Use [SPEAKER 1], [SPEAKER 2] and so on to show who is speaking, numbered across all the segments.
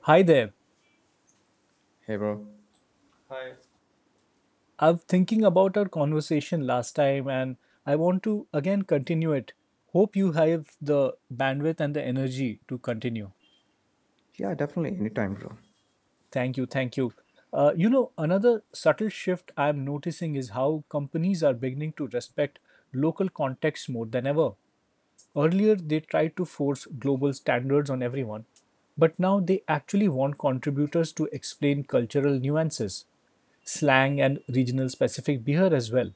[SPEAKER 1] Hi there.
[SPEAKER 2] Hey, bro.
[SPEAKER 3] Hi.
[SPEAKER 1] I was thinking about our conversation last time, and I want to again continue it. Hope you have the bandwidth and the energy to continue.
[SPEAKER 2] Yeah, definitely. Anytime, bro.
[SPEAKER 1] Thank you. Thank you. Another subtle shift I'm noticing is how companies are beginning to respect local context more than ever. Earlier, they tried to force global standards on everyone, but now they actually want contributors to explain cultural nuances, slang, and regional specific behavior as well.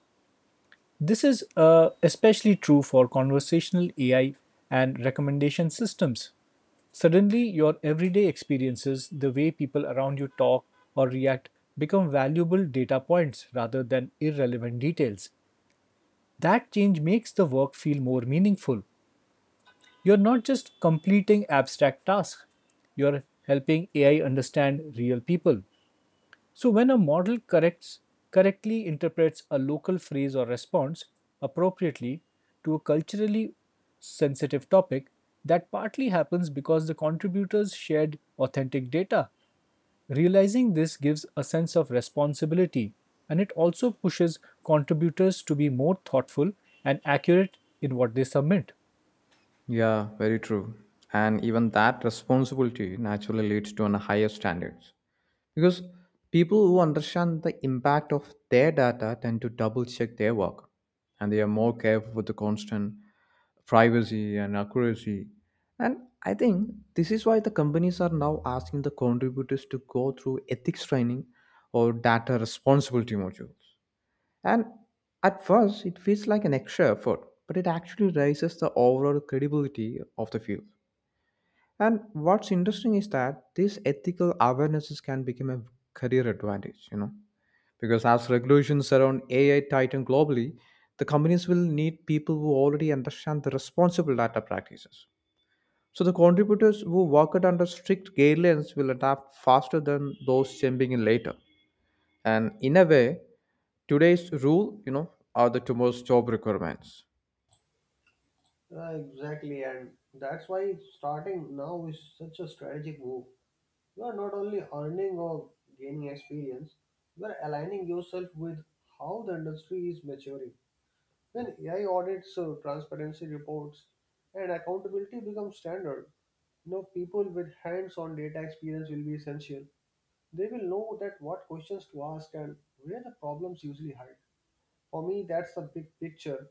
[SPEAKER 1] This is especially true for conversational AI and recommendation systems. Suddenly, your everyday experiences, the way people around you talk or react, become valuable data points rather than irrelevant details. That change makes the work feel more meaningful. You're not just completing abstract tasks, you're helping AI understand real people. So when a model corrects correctly interprets a local phrase or response appropriately to a culturally sensitive topic, that partly happens because the contributors shared authentic data. Realizing this gives a sense of responsibility, and it also pushes contributors to be more thoughtful and accurate in what they submit.
[SPEAKER 2] Yeah, very true. And even that responsibility naturally leads to an higher standards. Because people who understand the impact of their data tend to double check their work, and they are more careful with the constant privacy and accuracy. And I think this is why the companies are now asking the contributors to go through ethics training or data responsibility modules. And at first, it feels like an extra effort, but it actually raises the overall credibility of the field. And what's interesting is that these ethical awarenesses can become a career advantage, you know, because as regulations around AI tighten globally, the companies will need people who already understand the responsible data practices. So the contributors who work it under strict guidelines will adapt faster than those jumping in later, and in a way, today's rule, you know, are the tomorrow's job requirements.
[SPEAKER 3] Exactly, and that's why starting now is such a strategic move. You are not only earning or gaining experience, you are aligning yourself with how the industry is maturing. When AI audits, transparency reports, and accountability become standard, you know, people with hands-on data experience will be essential. They will know that what questions to ask and where the problems usually hide. For me, that's the big picture.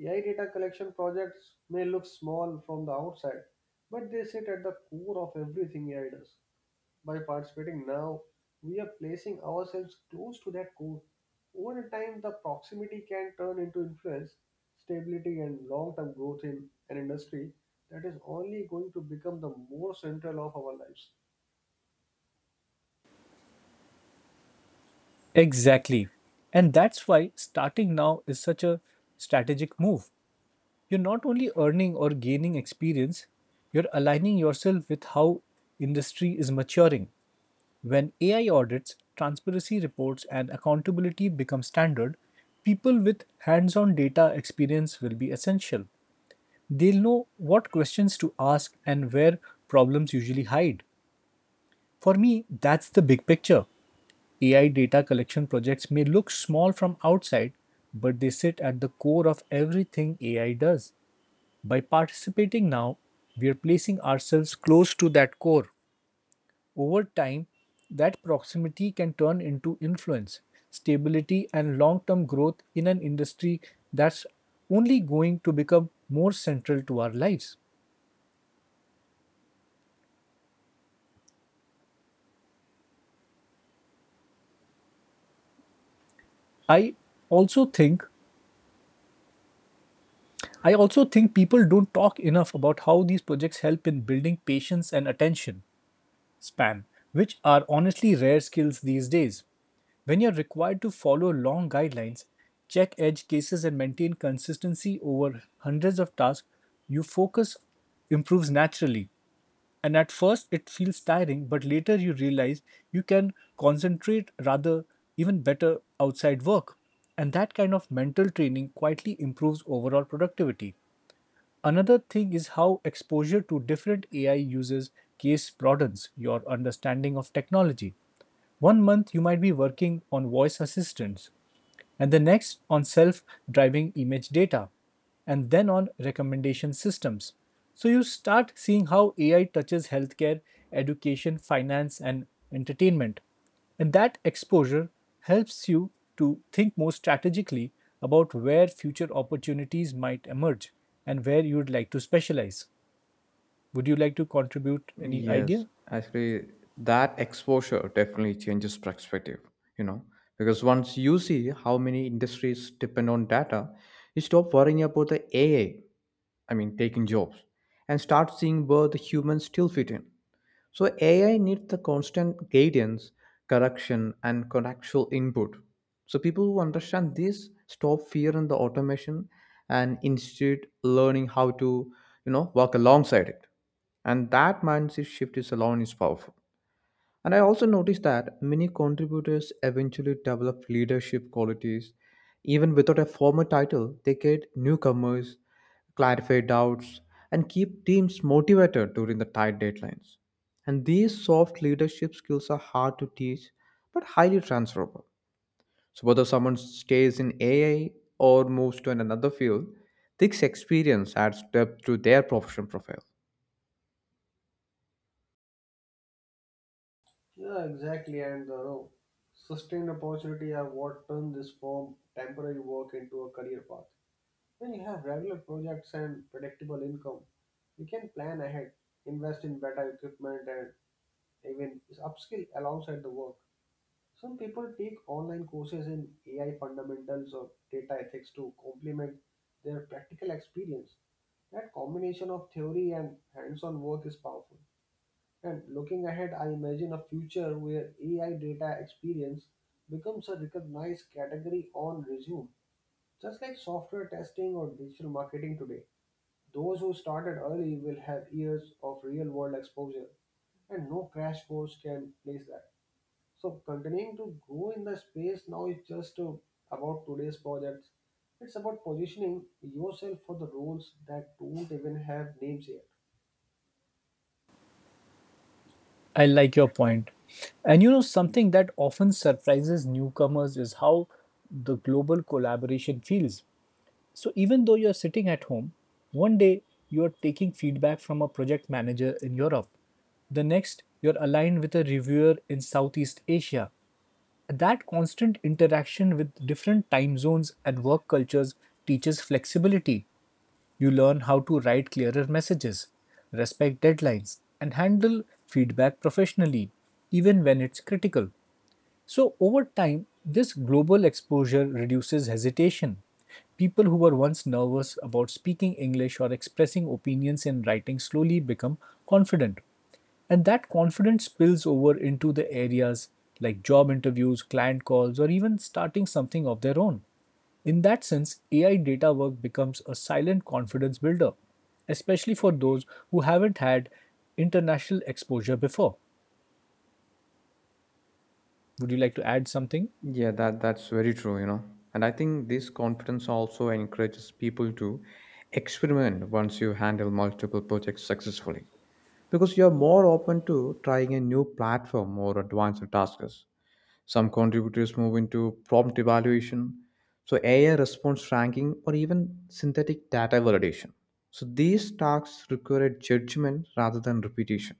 [SPEAKER 3] AI data collection projects may look small from the outside, but they sit at the core of everything AI does. By participating now, we are placing ourselves close to that core. Over time, the proximity can turn into influence, stability, and long term growth in an industry that is only going to become the more central of our lives.
[SPEAKER 1] Exactly. And that's why starting now is such a strategic move. You're not only earning or gaining experience, you're aligning yourself with how industry is maturing. When AI audits, transparency reports, and accountability become standard, people with hands on data experience will be essential. They'll know what questions to ask and where problems usually hide. For me, that's the big picture. AI data collection projects may look small from outside, but they sit at the core of everything AI does. By participating now, we are placing ourselves close to that core. Over time, that proximity can turn into influence, stability, and long term growth in an industry that's only going to become more central to our lives. I also think I also think people don't talk enough about how these projects help in building patience and attention span, which are honestly rare skills these days. When you're required to follow long guidelines, check edge cases, and maintain consistency over hundreds of tasks, your focus improves naturally. And at first, it feels tiring, but later you realize you can concentrate rather even better outside work. And that kind of mental training quietly improves overall productivity. Another thing is how exposure to different AI uses case broadens your understanding of technology. One month you might be working on voice assistants, and the next on self driving image data, and then on recommendation systems. So you start seeing how AI touches healthcare, education, finance, and entertainment. And that exposure helps you to think more strategically about where future opportunities might emerge and where you would like to specialize. Would you like to contribute any
[SPEAKER 2] Yes,
[SPEAKER 1] idea?
[SPEAKER 2] actually, that exposure definitely changes perspective, you know, because once you see how many industries depend on data, you stop worrying about the AI, I mean taking jobs, and start seeing where the humans still fit in. So AI needs the constant guidance, correction, and contextual input. So people who understand this stop fear in the automation and instead learning how to, you know, work alongside it. And that mindset shift is alone is powerful. And I also noticed that many contributors eventually develop leadership qualities. Even without a formal title, they get newcomers, clarify doubts, and keep teams motivated during the tight deadlines. And these soft leadership skills are hard to teach but highly transferable. So, whether someone stays in AI or moves to another field, this experience adds depth to their professional profile.
[SPEAKER 3] Yeah, exactly. And no, Sustained opportunity are what turn this form temporary work into a career path. When you have regular projects and predictable income, you can plan ahead, invest in better equipment, and even upskill alongside the work. Some people take online courses in AI fundamentals or data ethics to complement their practical experience. That combination of theory and hands on work is powerful. And looking ahead, I imagine a future where AI data experience becomes a recognized category on resume, just like software testing or digital marketing today. Those who started early will have years of real world exposure, and no crash course can replace that. So, continuing to grow in the space now is just about today's projects. It's about positioning yourself for the roles that don't even have names yet.
[SPEAKER 1] I like your point. And you know, something that often surprises newcomers is how the global collaboration feels. So, even though you're sitting at home, one day you're taking feedback from a project manager in Europe. The next, you're aligned with a reviewer in Southeast Asia. That constant interaction with different time zones and work cultures teaches flexibility. You learn how to write clearer messages, respect deadlines, and handle feedback professionally, even when it's critical. So, over time, this global exposure reduces hesitation. People who were once nervous about speaking English or expressing opinions in writing slowly become confident. And that confidence spills over into the areas like job interviews, client calls, or even starting something of their own. In that sense, AI data work becomes a silent confidence builder, especially for those who haven't had international exposure before. Would you like to add something?
[SPEAKER 2] Yeah, that's very true, you know. And I think this confidence also encourages people to experiment once you handle multiple projects successfully. Because you're more open to trying a new platform or advanced tasks. Some contributors move into prompt evaluation, so AI response ranking, or even synthetic data validation. So these tasks require judgment rather than repetition.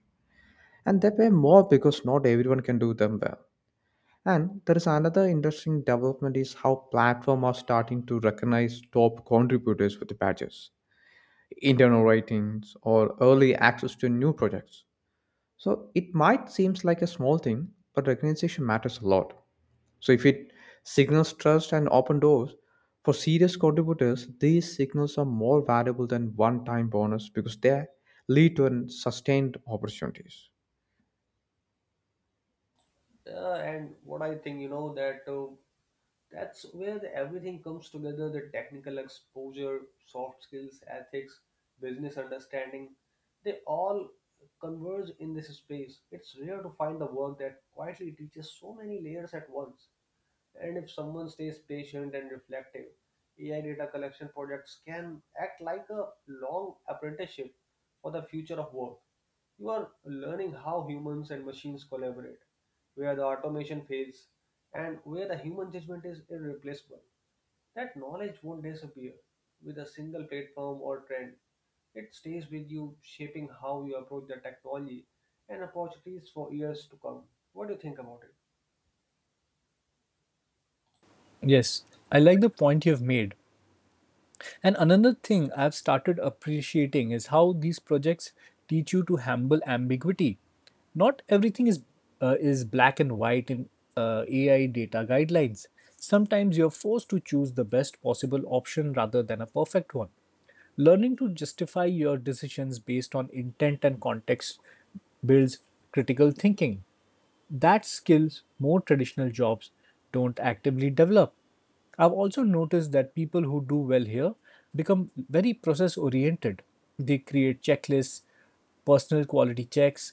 [SPEAKER 2] And they pay more because not everyone can do them well. And there is another interesting development is how platforms are starting to recognize top contributors with badges, internal ratings, or early access to new projects. So it might seems like a small thing, but recognition matters a lot. So if it signals trust and open doors for serious contributors, these signals are more valuable than one-time bonus because they lead to an sustained opportunities.
[SPEAKER 3] And what I think, you know, that's where the, everything comes together the technical exposure, soft skills, ethics, business understanding. They all converge in this space. It's rare to find the work that quietly teaches so many layers at once. And if someone stays patient and reflective, AI data collection projects can act like a long apprenticeship for the future of work. You are learning how humans and machines collaborate, where the automation fails, and where the human judgment is irreplaceable. That knowledge won't disappear with a single platform or trend. It stays with you, shaping how you approach the technology and opportunities for years to come. What do you think about it?
[SPEAKER 1] Yes, I like the point you've made. And another thing I've started appreciating is how these projects teach you to handle ambiguity. Not everything is black and white in AI data guidelines. Sometimes you're forced to choose the best possible option rather than a perfect one. Learning to justify your decisions based on intent and context builds critical thinking that skills more traditional jobs don't actively develop. I've also noticed that people who do well here become very process oriented. They create checklists, personal quality checks,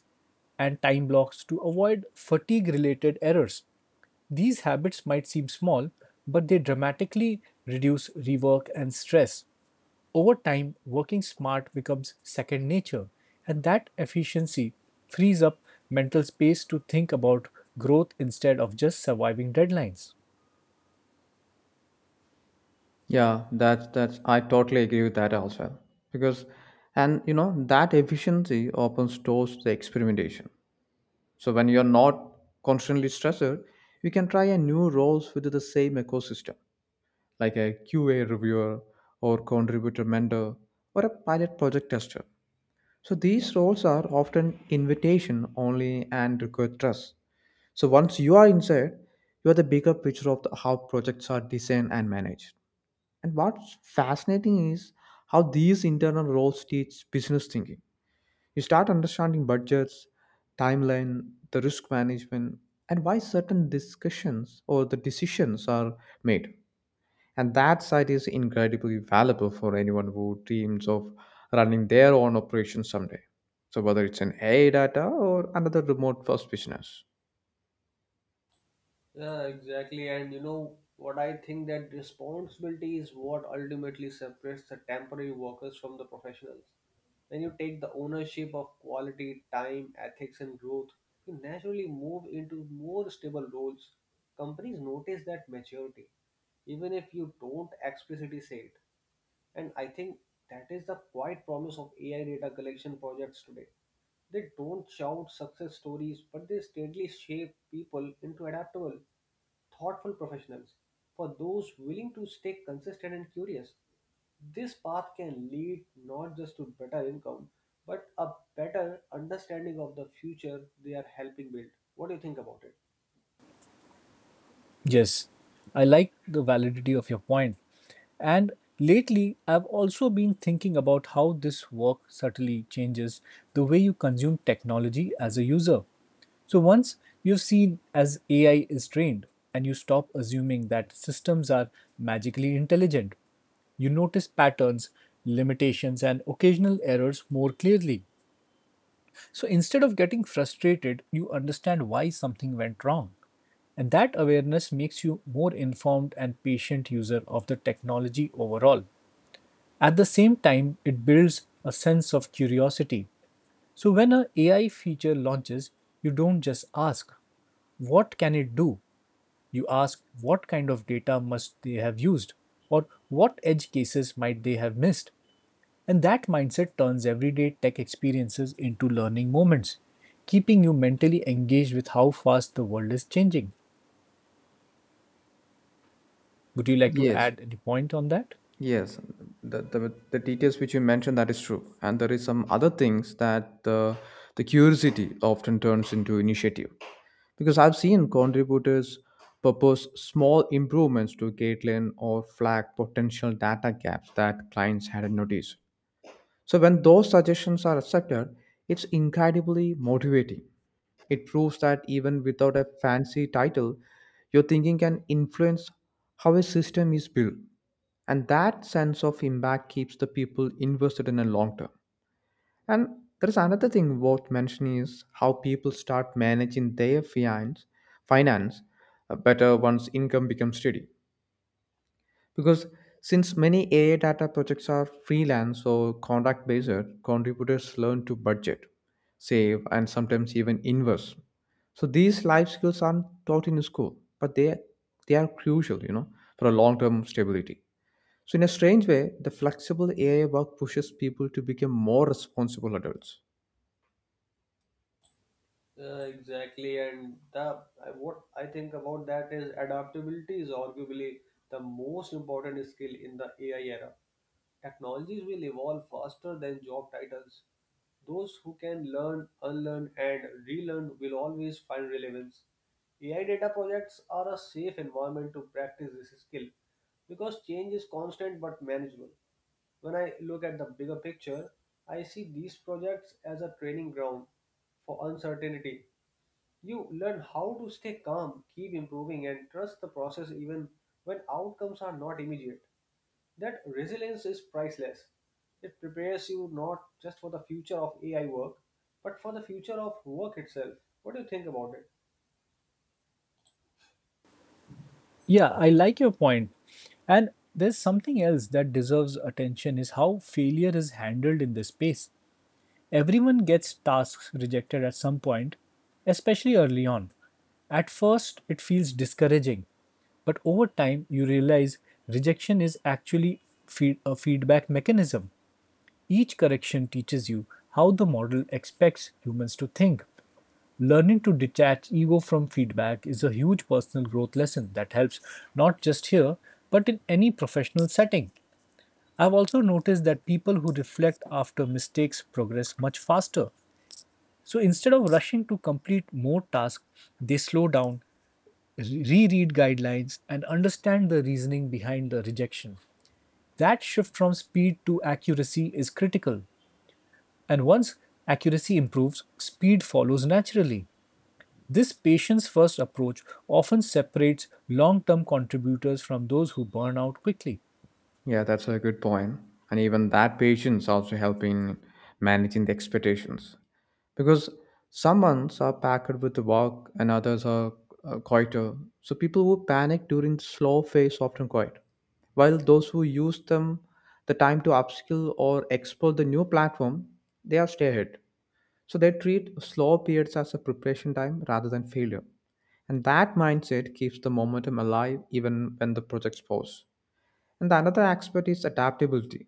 [SPEAKER 1] and time blocks to avoid fatigue related errors. These habits might seem small, but they dramatically reduce rework and stress. Over time, working smart becomes second nature, and that efficiency frees up mental space to think about growth instead of just surviving deadlines.
[SPEAKER 2] Yeah, that's I totally agree with that also. Because, and you know, that efficiency opens doors to experimentation. So when you're not constantly stressed, you can try a new roles within the same ecosystem, like a QA reviewer or contributor mentor or a pilot project tester. So these roles are often invitation only and require trust. So once you are inside, you are the bigger picture of the, how projects are designed and managed. And what's fascinating is how these internal roles teach business thinking. You start understanding budgets, timeline, the risk management, and why certain discussions or the decisions are made. And that side is incredibly valuable for anyone who dreams of running their own operation someday. So whether it's an AI data or another remote first business.
[SPEAKER 3] Yeah, exactly. And you know what I think that responsibility is what ultimately separates the temporary workers from the professionals. When you take the ownership of quality, time, ethics, and growth, you naturally move into more stable roles. Companies notice that maturity, even if you don't explicitly say it. And I think that is the quiet promise of AI data collection projects today. They don't shout success stories, but they steadily shape people into adaptable thoughtful professionals. For those willing to stay consistent and curious, this path can lead not just to better income, but a better understanding of the future they are helping build. What do you think about it?
[SPEAKER 1] Yes, I like the validity of your point. And lately, I've also been thinking about how this work subtly changes the way you consume technology as a user. So once you've seen as AI is trained and you stop assuming that systems are magically intelligent, you notice patterns, limitations, and occasional errors more clearly. So instead of getting frustrated, you understand why something went wrong. And that awareness makes you more informed and patient user of the technology overall. At the same time, it builds a sense of curiosity. So when an AI feature launches, you don't just ask, what can it do? You ask, what kind of data must they have used? Or what edge cases might they have missed? And that mindset turns everyday tech experiences into learning moments, keeping you mentally engaged with how fast the world is changing. Would you like to
[SPEAKER 2] Yes,
[SPEAKER 1] add any point on that?
[SPEAKER 2] Yes, the details which you mentioned that is true, and there is some other things that the curiosity often turns into initiative, because I've seen contributors propose small improvements to Gatelin or flag potential data gaps that clients hadn't noticed. So when those suggestions are accepted, it's incredibly motivating. It proves that even without a fancy title, your thinking can influence how a system is built, and that sense of impact keeps the people invested in a long term. And there is another thing worth mentioning is how people start managing their finance better once income becomes steady, because since many AI data projects are freelance or contract based, contributors learn to budget, save, and sometimes even invest. So these life skills aren't taught in school, but they are crucial, you know, for a long term stability. So, in a strange way, the flexible AI work pushes people to become more responsible adults.
[SPEAKER 3] Exactly, and what I think about that is adaptability is arguably the most important skill in the AI era. Technologies will evolve faster than job titles. Those who can learn, unlearn, and relearn will always find relevance. AI data projects are a safe environment to practice this skill because change is constant but manageable. When I look at the bigger picture, I see these projects as a training ground for uncertainty. You learn how to stay calm, keep improving, and trust the process even when outcomes are not immediate. That resilience is priceless. It prepares you not just for the future of AI work, but for the future of work itself. What do you think about it?
[SPEAKER 1] Yeah, I like your point. And there's something else that deserves attention is how failure is handled in this space. Everyone gets tasks rejected at some point, especially early on. At first, it feels discouraging, but over time, you realize rejection is actually a feedback mechanism. Each correction teaches you how the model expects humans to think. Learning to detach ego from feedback is a huge personal growth lesson that helps not just here, but in any professional setting. I've also noticed that people who reflect after mistakes progress much faster. So instead of rushing to complete more tasks, they slow down, reread guidelines, and understand the reasoning behind the rejection. That shift from speed to accuracy is critical, and once accuracy improves, speed follows naturally. This patients first approach often separates long term contributors from those who burn out quickly.
[SPEAKER 2] Yeah, that's a good point. And even that patience also help in managing the expectations. Because some months are packed with the work and others are quieter. So people who panic during the slow phase often quiet. While those who use them the time to upskill or explore the new platform, they are stay ahead. So they treat slow periods as a preparation time rather than failure. And that mindset keeps the momentum alive even when the projects pause. And the another aspect is adaptability.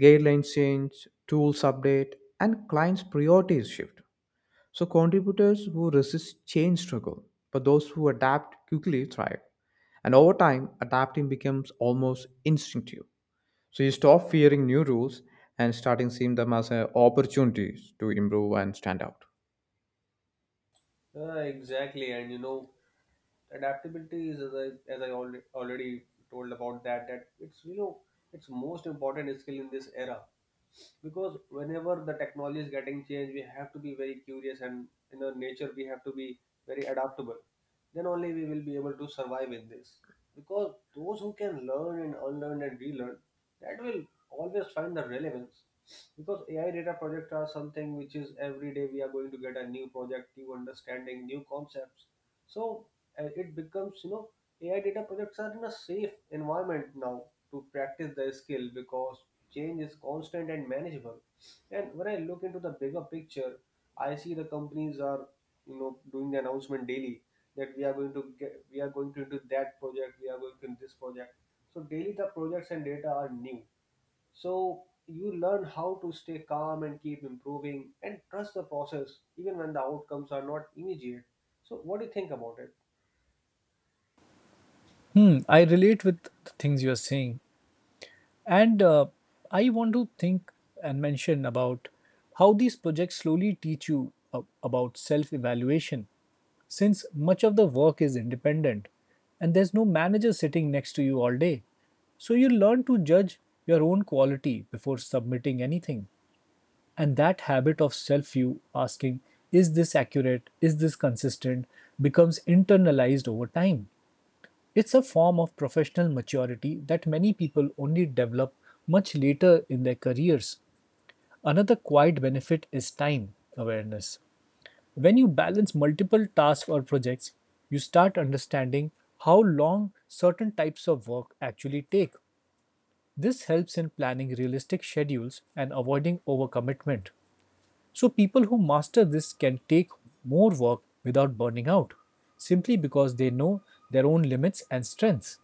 [SPEAKER 2] Guidelines change, tools update, and clients' priorities shift. So contributors who resist change struggle, but those who adapt quickly thrive. And over time, adapting becomes almost instinctive. So you stop fearing new rules and starting seeing them as opportunities to improve and stand out.
[SPEAKER 3] Exactly, and you know, adaptability is as I already told about that it's, you know, it's most important skill in this era. Because whenever the technology is getting changed we have to be very curious and in our nature we have to be very adaptable, then only we will be able to survive in this. Because those who can learn and unlearn and relearn, that will always find the relevance. Because AI data projects are something which is every day we are going to get a new project, new understanding, new concepts. So it becomes, you know, AI data projects are in a safe environment now to practice their skill because change is constant and manageable. And when I look into the bigger picture, I see the companies are, you know, doing the announcement daily that we are going to get, we are going to do that project, we are going to do this project. So daily the projects and data are new. So you learn how to stay calm and keep improving and trust the process even when the outcomes are not immediate. So what do you think about it?
[SPEAKER 1] Hmm, I relate with the things you are saying. And I want to think and mention about how these projects slowly teach you about self evaluation. Since much of the work is independent and there's no manager sitting next to you all day, so you learn to judge your own quality before submitting anything. And that habit of self view asking, is this accurate, is this consistent, becomes internalized over time. It's a form of professional maturity that many people only develop much later in their careers. Another quiet benefit is time awareness. When you balance multiple tasks or projects, you start understanding how long certain types of work actually take. This helps in planning realistic schedules and avoiding overcommitment. So, people who master this can take more work without burning out simply because they know their own limits and strengths.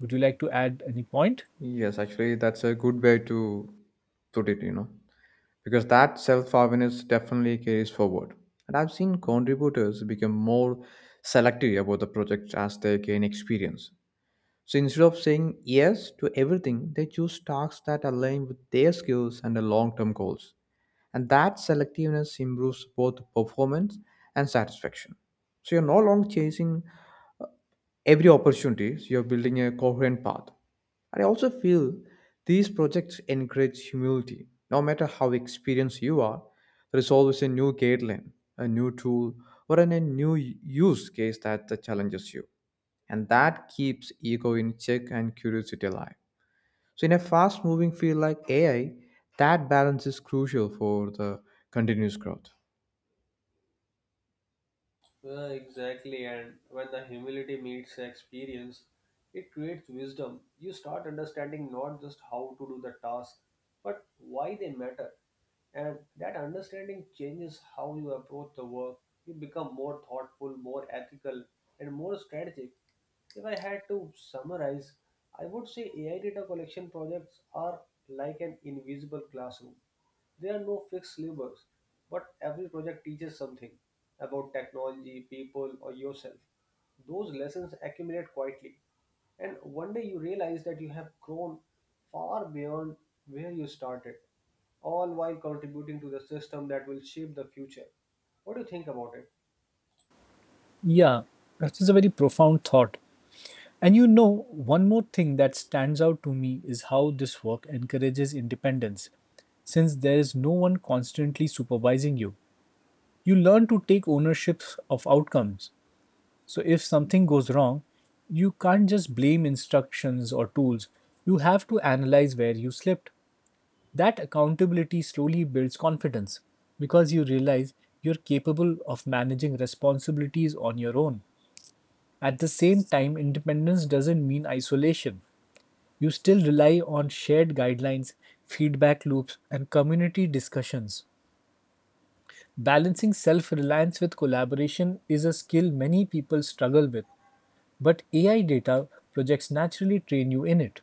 [SPEAKER 1] Would you like to add any point?
[SPEAKER 2] Yes, actually, that's a good way to put it, you know, because that self awareness definitely carries forward. And I've seen contributors become more selective about the project as they gain experience. So instead of saying yes to everything, they choose tasks that align with their skills and their long term goals. And that selectiveness improves both performance and satisfaction. So you're no longer chasing every opportunity, you're building a coherent path. I also feel these projects encourage humility. No matter how experienced you are, there is always a new guideline, a new tool, or a new use case that challenges you. And that keeps ego in check and curiosity alive. So, in a fast moving field like AI, that balance is crucial for the continuous growth.
[SPEAKER 3] Exactly, and when the humility meets experience, it creates wisdom. You start understanding not just how to do the task, but why they matter. And that understanding changes how you approach the work, you become more thoughtful, more ethical, and more strategic. If I had to summarize, I would say AI data collection projects are like an invisible classroom. There are no fixed syllabus, but every project teaches something about technology, people, or yourself. Those lessons accumulate quietly, and one day you realize that you have grown far beyond where you started, all while contributing to the system that will shape the future. What do you think about it?
[SPEAKER 1] Yeah, that is a very profound thought. And you know, one more thing that stands out to me is how this work encourages independence. Since there is no one constantly supervising you, you learn to take ownership of outcomes. So if something goes wrong, you can't just blame instructions or tools. You have to analyze where you slipped. That accountability slowly builds confidence because you realize you're capable of managing responsibilities on your own. At the same time, independence doesn't mean isolation. You still rely on shared guidelines, feedback loops, and community discussions. Balancing self reliance with collaboration is a skill many people struggle with. But AI data projects naturally train you in it.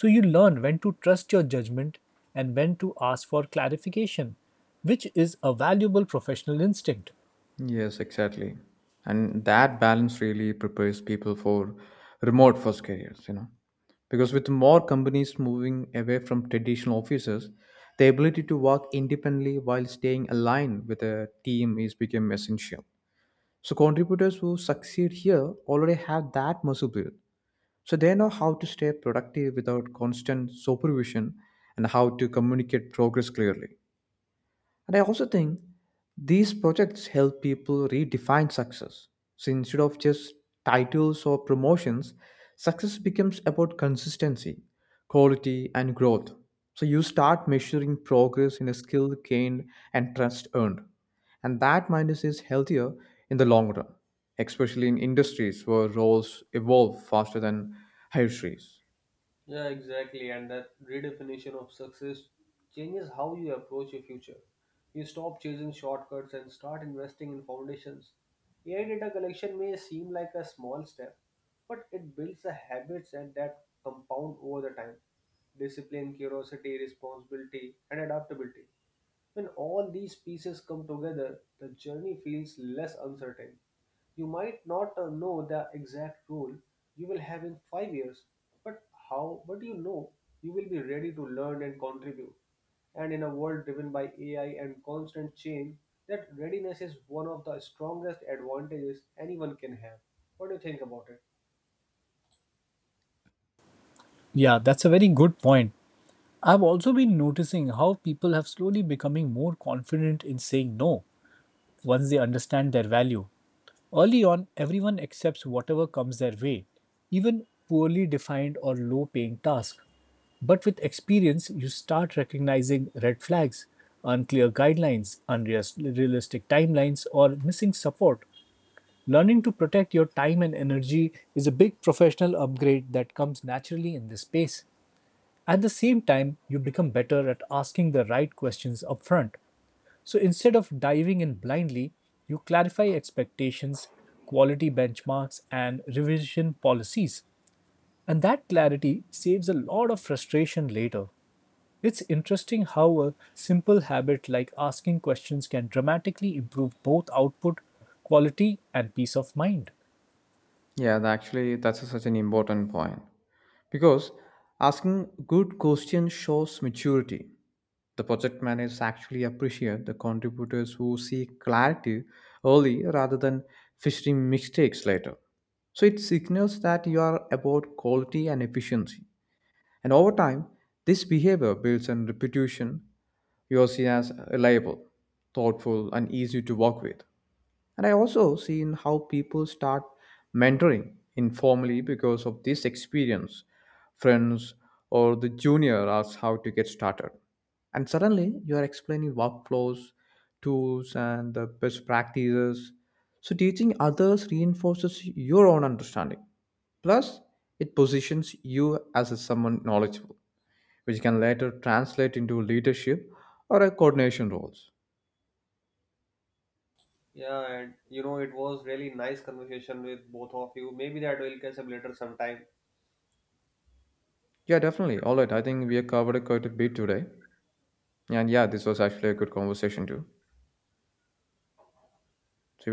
[SPEAKER 1] So you learn when to trust your judgment and when to ask for clarification, which is a valuable professional instinct.
[SPEAKER 2] Yes, exactly. And that balance really prepares people for remote first careers, you know. Because with more companies moving away from traditional offices, the ability to work independently while staying aligned with a team is become essential. So contributors who succeed here already have that muscle built. So they know how to stay productive without constant supervision and how to communicate progress clearly. And I also think these projects help people redefine success. So instead of just titles or promotions, success becomes about consistency, quality, and growth. So you start measuring progress in a skill gained and trust earned. And that mindset is healthier in the long run, especially in industries where roles evolve faster than hierarchies.
[SPEAKER 3] Yeah, exactly. And that redefinition of success changes how you approach your future. You stop chasing shortcuts and start investing in foundations. AI data collection may seem like a small step, but it builds the habits and that compound over the time. Discipline, curiosity, responsibility, and adaptability. When all these pieces come together, the journey feels less uncertain. You might not know the exact role you will have in 5 years, but but you know you will be ready to learn and contribute. And in a world driven by AI and constant change, that readiness is one of the strongest advantages anyone can have. What do you think about it?
[SPEAKER 1] Yeah, that's a very good point. I've also been noticing how people have slowly becoming more confident in saying no, once they understand their value. Early on, everyone accepts whatever comes their way, even poorly defined or low paying tasks. But with experience, you start recognizing red flags, unclear guidelines, unrealistic timelines, or missing support. Learning to protect your time and energy is a big professional upgrade that comes naturally in this space. At the same time, you become better at asking the right questions upfront. So instead of diving in blindly, you clarify expectations, quality benchmarks, and revision policies. And that clarity saves a lot of frustration later. It's interesting how a simple habit like asking questions can dramatically improve both output, quality, and peace of mind.
[SPEAKER 2] Actually, that's such an important point. Because asking good questions shows maturity. The project managers actually appreciate the contributors who seek clarity early rather than fishing mistakes later. So it signals that you are about quality and efficiency. And over time, this behavior builds on reputation. You are seen as reliable, thoughtful, and easy to work with. And I also seen how people start mentoring informally because of this experience. Friends or the junior asks how to get started. And suddenly you are explaining workflows, tools, and the best practices. So teaching others reinforces your own understanding. Plus, it positions you as a someone knowledgeable, which can later translate into leadership or a coordination roles.
[SPEAKER 3] Yeah, and you know, it was really nice conversation with both of you. Maybe that will catch up later sometime.
[SPEAKER 2] Yeah, definitely. All right, I think we have covered quite a bit today. And yeah, this was actually a good conversation too. So